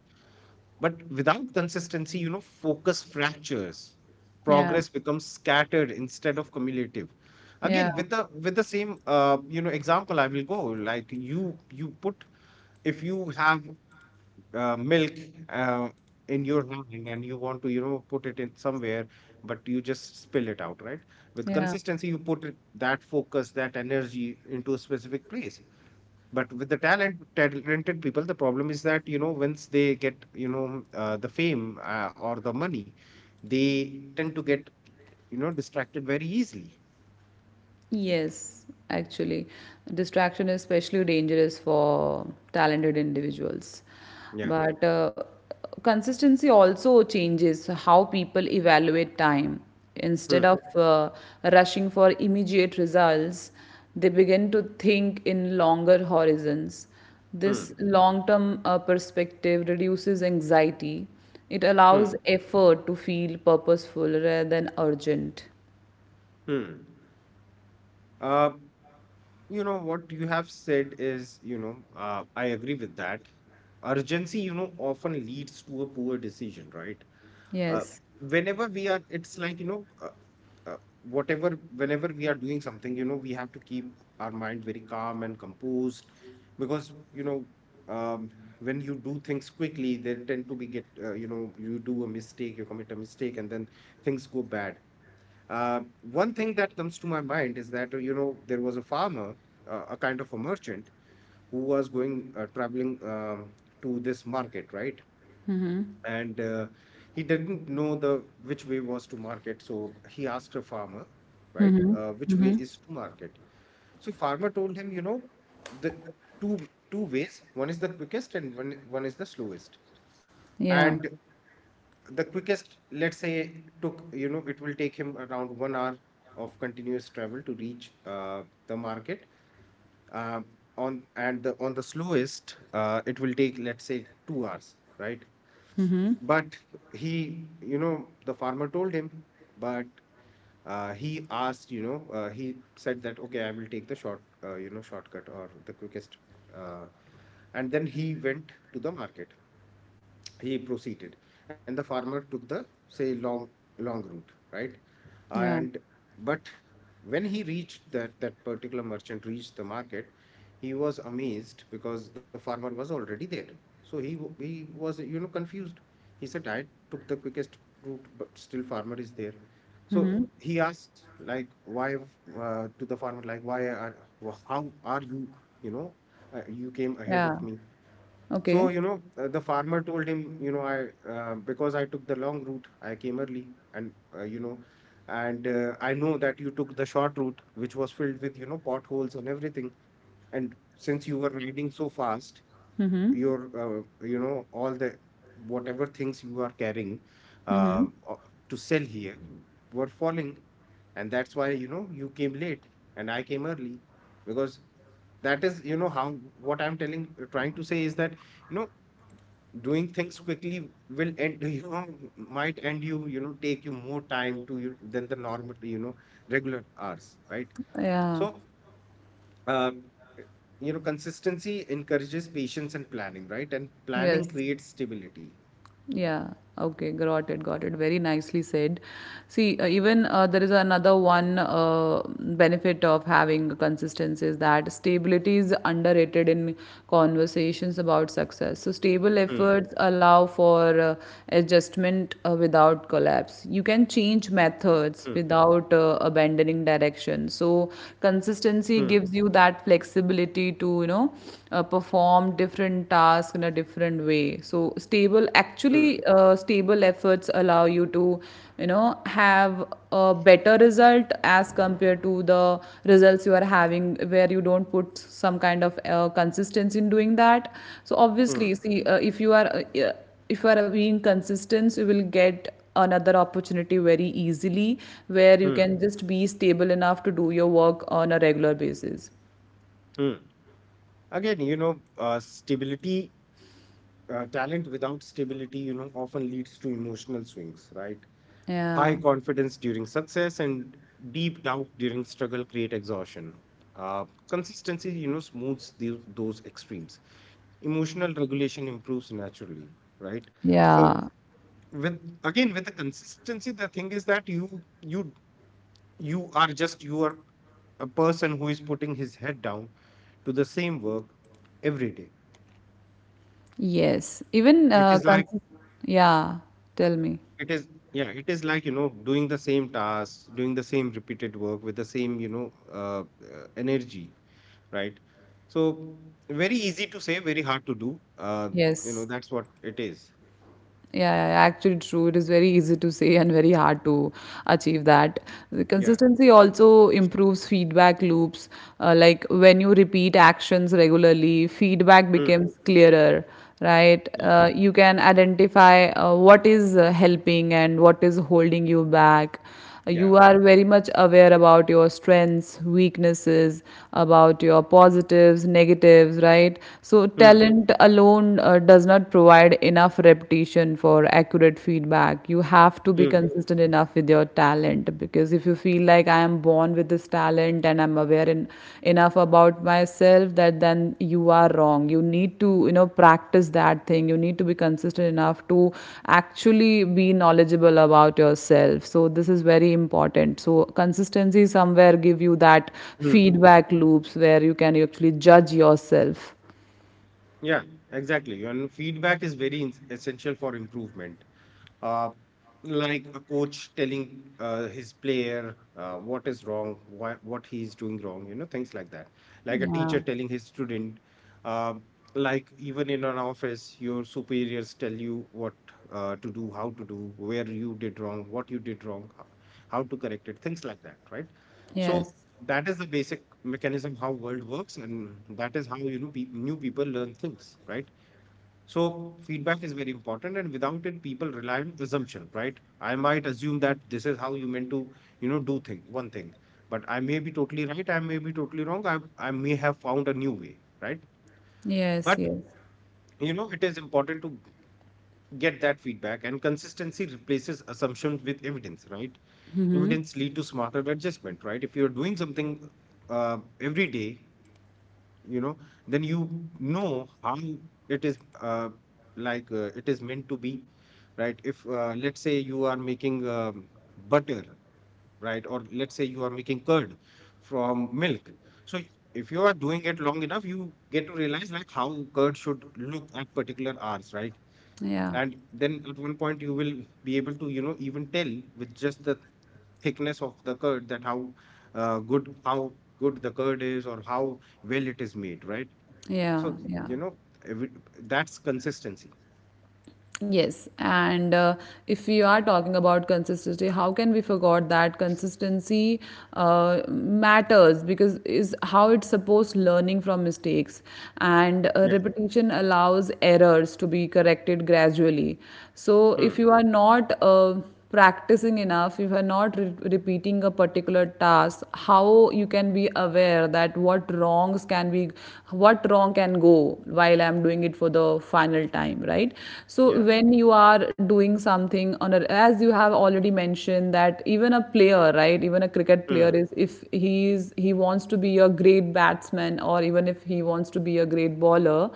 But without consistency, you know, focus fractures. Yeah, Progress becomes scattered instead of cumulative. yeah, Again, with the same, you know, example, I will go like, you put if you have milk uh, in your hand and you want to, you know, put it in somewhere, but you just spill it out, right? With yeah. consistency, you put it, that focus, that energy into a specific place. But with the talented people, the problem is that, you know, once they get, you know, the fame or the money, they tend to get, you know, distracted very easily. Yes, actually, distraction is especially dangerous for talented individuals. Yeah. But consistency also changes how people evaluate time. Instead of Hmm. Rushing for immediate results, they begin to think in longer horizons. This Hmm. long term perspective reduces anxiety. It Hmm. allows effort to feel purposeful rather than urgent. Hmm. uh, you know, what you have said is, you know, I agree with that. Urgency, you know, often leads to a poor decision, right? uh, Yes. whenever we are It's like, you know, uh, whatever whenever we are doing something, you know, we have to keep our mind very calm and composed, because, you know, um, when you do things quickly, they tend to be get, you know, you commit a mistake, and then things go bad. One thing that comes to my mind is that, you know, there was a farmer, a kind of a merchant, who was going, traveling, to this market, right? And he didn't know the which way was to market, so he asked a farmer, right? Which way is to market? So farmer told him, you know, the two ways, one is the quickest, and one is the slowest. Yeah. And the quickest, let's say, took, you know, it will take him around one hour of continuous travel to reach, the market. um, on the slowest, it will take, let's say, two hours, right? But he, you know, the farmer told him, but he asked, you know, he said that, okay, I will take the short, you know, shortcut or the quickest. uh, and then he went to the market, he proceeded, and the farmer took the, say, long route, right? Yeah. And but when he reached that that particular merchant reached the market, he was amazed because the farmer was already there. So he was, you know, confused. He said, I took the quickest route, but still farmer is there. So he asked, like, why, to the farmer, like, how are you, you know, you came ahead Yeah. of me? So, Okay. you know, the farmer told him, you know, I because I took the long route, I came early, and you know, and I know that you took the short route, which was filled with, you know, potholes and everything. And since you were riding so fast, your, you know, all the whatever things you are carrying, um, o- to sell here, were falling, and that's why, you know, you came late and I came early. Because that is, you know, how what I'm telling, trying to say is that, you know, doing things quickly will end *laughs* you know, might end you, you know, take you more time to you than the normal, you know, regular hours, right? So, Yeah. um, you know, consistency encourages patience and planning, right? And planning Yes. creates stability. Yeah. Okay. Got it. Got it. Very nicely said. See, even there is another one benefit of having consistency, is that stability is underrated in conversations about success. So, stable Hmm. efforts allow for adjustment without collapse. You can change Hmm. methods without abandoning direction. So, Hmm. consistency gives you that flexibility to, perform different different task in a different way. So stable Hmm. actually, stable efforts allow you to, have a better result as compared to the results you are having, where you don't put some kind of consistency in doing that. So Hmm. obviously, see, if you are yeah, if you are being consistent, you will get another opportunity very easily, where you Hmm. can just be stable enough to do your work on a regular basis. Hmm. Again, you know, stability, talent without stability, you know, often leads to emotional swings, right? Yeah, High confidence during success and deep doubt during struggle create exhaustion. Consistency, you know, smooths the, those extremes. Emotional regulation improves naturally, right? So yeah. with again with the consistency, the thing is that you you are just you are a person who is putting his head down to the same work every day. Yes, even It is like. consist, yeah, tell me. It is, yeah, it is like, you know, doing the same tasks, doing the same repeated work with the same, you know, energy, right? So, very easy to say, very hard to do. You know, Yes. that's what it is. Yeah, yeah, yeah, actually true. It is very easy to say and very hard to achieve that. The Yeah. consistency also improves feedback loops. Like when you repeat actions regularly, feedback Mm. becomes clearer, right? Mm. You can identify what is helping and what is holding you back. You Yeah. are very much aware about your strengths, weaknesses, about your positives, negatives, right? So Mm. talent alone does not provide enough repetition for accurate feedback. You have to be Mm. consistent enough with your talent, because if you feel like I am born with this talent, and I'm aware enough about myself, that then you are wrong. You need to, practice that thing. You need to be consistent enough to actually be knowledgeable about yourself. So this is very important. So consistency somewhere give you that Mm. feedback loops, where you can actually judge yourself. Yeah, exactly. And feedback is very essential for improvement. uh, like a coach telling his player what is wrong, why, what he is doing wrong, you know, things like that. Like a Yeah. teacher telling his student, uh, like even in an office, your superiors tell you what to do, how to do, where you did wrong, what you did wrong, how to correct it, things like that, right? Yes, So that is the basic mechanism how world works, and that is how, you know, new people learn things, right? So feedback is very important, and without it, people rely on assumption, right? I might assume that this is how you meant to, you know, do thing one thing, but I may be totally right. I may be totally wrong. I may have found a new way, right? yes, But, yes. you know, it is important to get that feedback, and consistency replaces assumption with evidence, right? Evidence lead to smarter adjustment, right? If you are doing something every day, you know, then you know how it is, like, it is meant to be, right? If, let's say, you are making, butter, right, or let's say you are making curd from milk, so if you are doing it long enough, you get to realize like how curd should look at particular hours, right? Yeah, And then at one point you will be able to, you know, even tell with just the thickness of the curd that how uh, good how good the curd is, or how well it is made, right? yeah, So, yeah. you know, every, that's consistency. Yes, and if we are talking about consistency, how can we forget that consistency matters, because is how it's supposed learning from mistakes, Yeah. and repetition allows errors to be corrected gradually. So Mm, if you are not practicing enough, if you're not repeating a particular task, how you can be aware that what wrong can go while I'm doing it for the final time, right? yeah. So when you are doing something on a, as you have already mentioned, that even a player, right, even a cricket player, Mm, is if he is he wants to be a great batsman, or even if he wants to be a great bowler.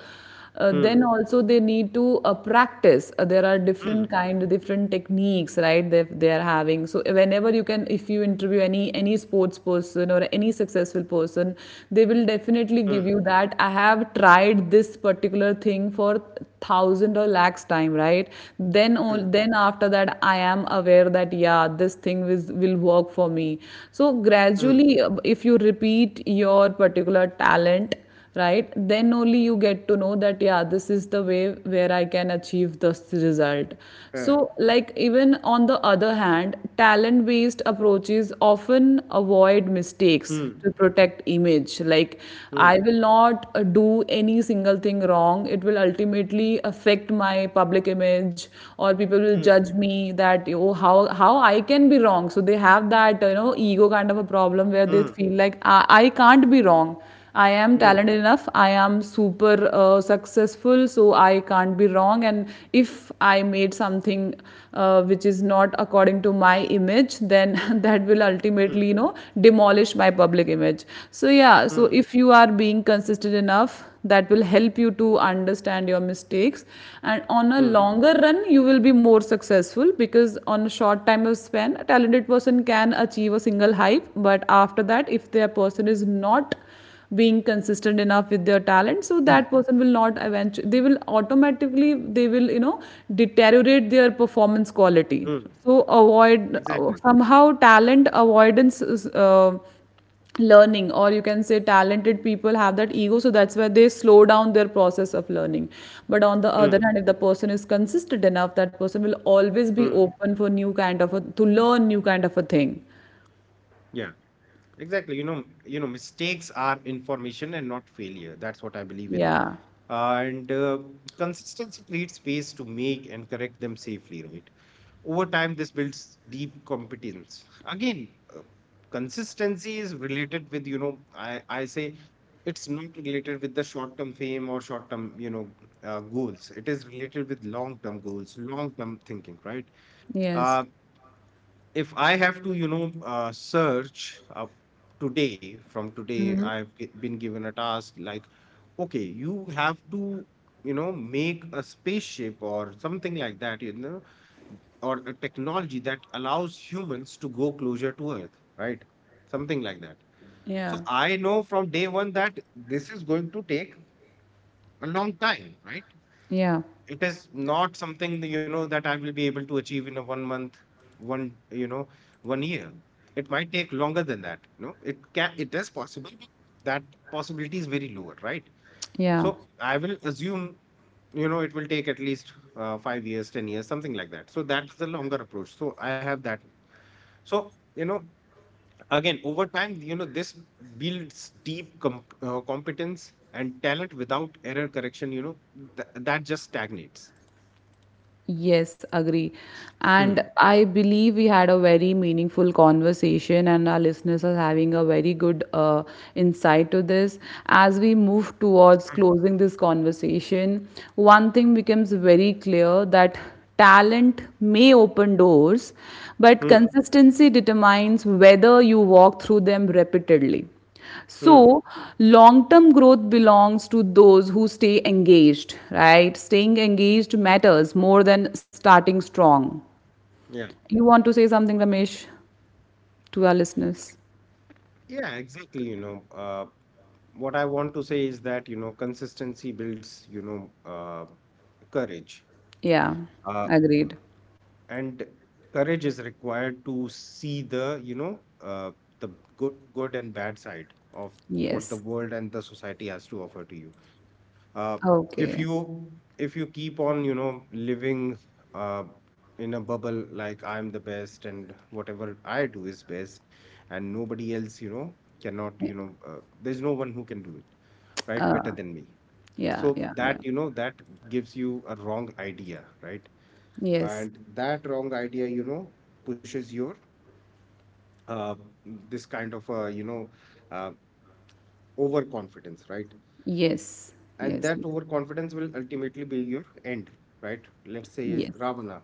mm, Then also they need to practice. There are mm, different kind different techniques, right, they are having. So whenever you can, if you interview any sports person or any successful person, they will mm, definitely give you that I have tried this particular thing for thousand or lakhs time, right? Mm, then after that I am aware that yeah, this thing will work for me. So mm, gradually, if you repeat your particular talent, right, then only you get to know that yeah, this is the way where I can achieve this result. yeah. So like, even on the other hand, talent based approaches often avoid mistakes Mm, to protect image. Like, I mm, will not do any single thing wrong, it will ultimately affect my public image, or people will mm, judge me that, oh, how, I can be wrong. So they have that, ego kind of a problem, where they mm, feel like I can't be wrong. I am mm, talented enough, I am super successful, so I can't be wrong. And if I made something which is not according to my image, then mm, *laughs* mm, that will ultimately, demolish my public image. So, yeah, so if you are being consistent enough, that will help you to understand your mistakes, and on a mm, longer run, you will be more successful. Because on a short time of span a talented person can achieve a single hype, but after that, if their person is not being consistent enough with their mm, talent, so that person will not, eventually they will automatically, they will, deteriorate their performance mm. quality. So avoid, Exactly. somehow, talent avoidance is, learning, or you can say talented people have that ego, so that's why they slow down their process of learning. But on Mm, the other hand, if the person is consistent enough, that person will mm. always be open for new kind of a to learn new kind of a thing. Yeah. Exactly. You know, mistakes are information and not failure. That's what I believe in. Yeah, And consistency creates space to make and correct them safely, right? Over time, this builds deep competence. Again, uh, consistency is related with, you know, I say, it's not related with the short term fame or short term, you know, goals. It is related with long term goals, long term thinking, right? yes, Uh, if I have to, you know, from today, been given a task like, okay, you have to, you know, make a spaceship or something like that, you know, or a technology that allows humans to go closer to earth, right, something like that. So yeah, I know from day one that this is going to take a long time, right. yeah. It is not something that, you know, that I will be able to achieve in a one month, one, you know, one year. It might take longer than that. You know, it can, it is possible, but that possibility is very lower, right? So Yeah. I will assume, you know, it will take at least, 5 years, 10 years, something like that. So that's the longer approach, so I have that. So, you know, again, over time, you know, this builds deep competence, and talent without error correction, you know, that just stagnates. Yes, agree. And Hmm. I believe we had a very meaningful conversation, and our listeners are having a very good insight to this. As we move towards Right. closing this conversation, one thing becomes very clear, that talent may open doors, but Hmm. consistency determines whether you walk through them repeatedly. So, Hmm. long term growth belongs to those who stay engaged, right? Staying engaged matters more than starting strong. Yeah. You want to say something, Ramesh, to our listeners? Yeah, exactly. You know, what I want to say is that, you know, consistency builds, you know, courage. Yeah, Uh, agreed. and courage is required to see the, you know, the good and bad side of what the Yes. world and the society has to offer to you. uh, if Okay. you, if you keep on, you know, living, uh, in a bubble, like, I'm the best and whatever I do is best, and nobody else, you know, cannot, you know, there's no one who can do it right better than me. Yeah, So yeah, yeah. that, you know, that gives you a wrong idea, right? Yes, And that wrong idea, you know, pushes your, uh, this kind of, uh, overconfidence, right? yes, And yes, that yes, overconfidence will ultimately be your end, right? Let's say yes, Ravana,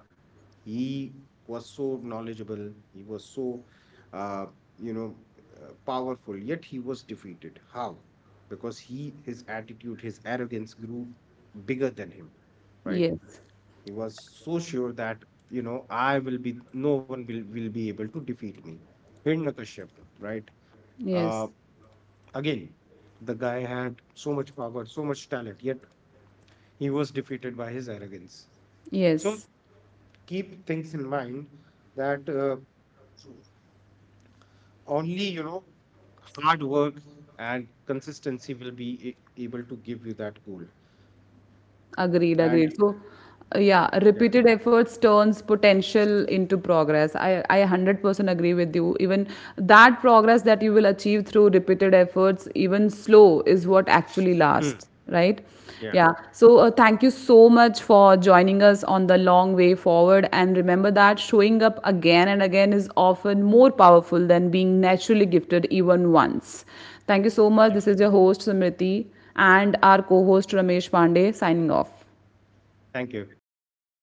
he was so knowledgeable, he was so uh, you know, powerful, yet he was defeated. How? Because he, his attitude, his arrogance grew bigger than him, right? yes, He was so sure that, you know, no one will be able to defeat me. Hiranyakashyap, right? Uh, yes, Again, the guy had so much power, so much talent, yet he was defeated by his arrogance. So yes. keep things in mind that, only, you know, hard work and consistency will be able to give you that goal. Agreed, And agreed. So, yeah, yeah. repeated efforts turns potential into progress. I 100% agree with you. Even that progress that you will achieve through repeated efforts, even slow, is what actually Hmm. lasts, right? Yeah. Yeah. So, thank you so much for joining us on the long way forward. And remember that showing up again and again is often more powerful than being naturally gifted even once. Thank you so much. Hmm. This is your host, Samriti, and our co host, Ramesh Pandey, signing off. Thank you.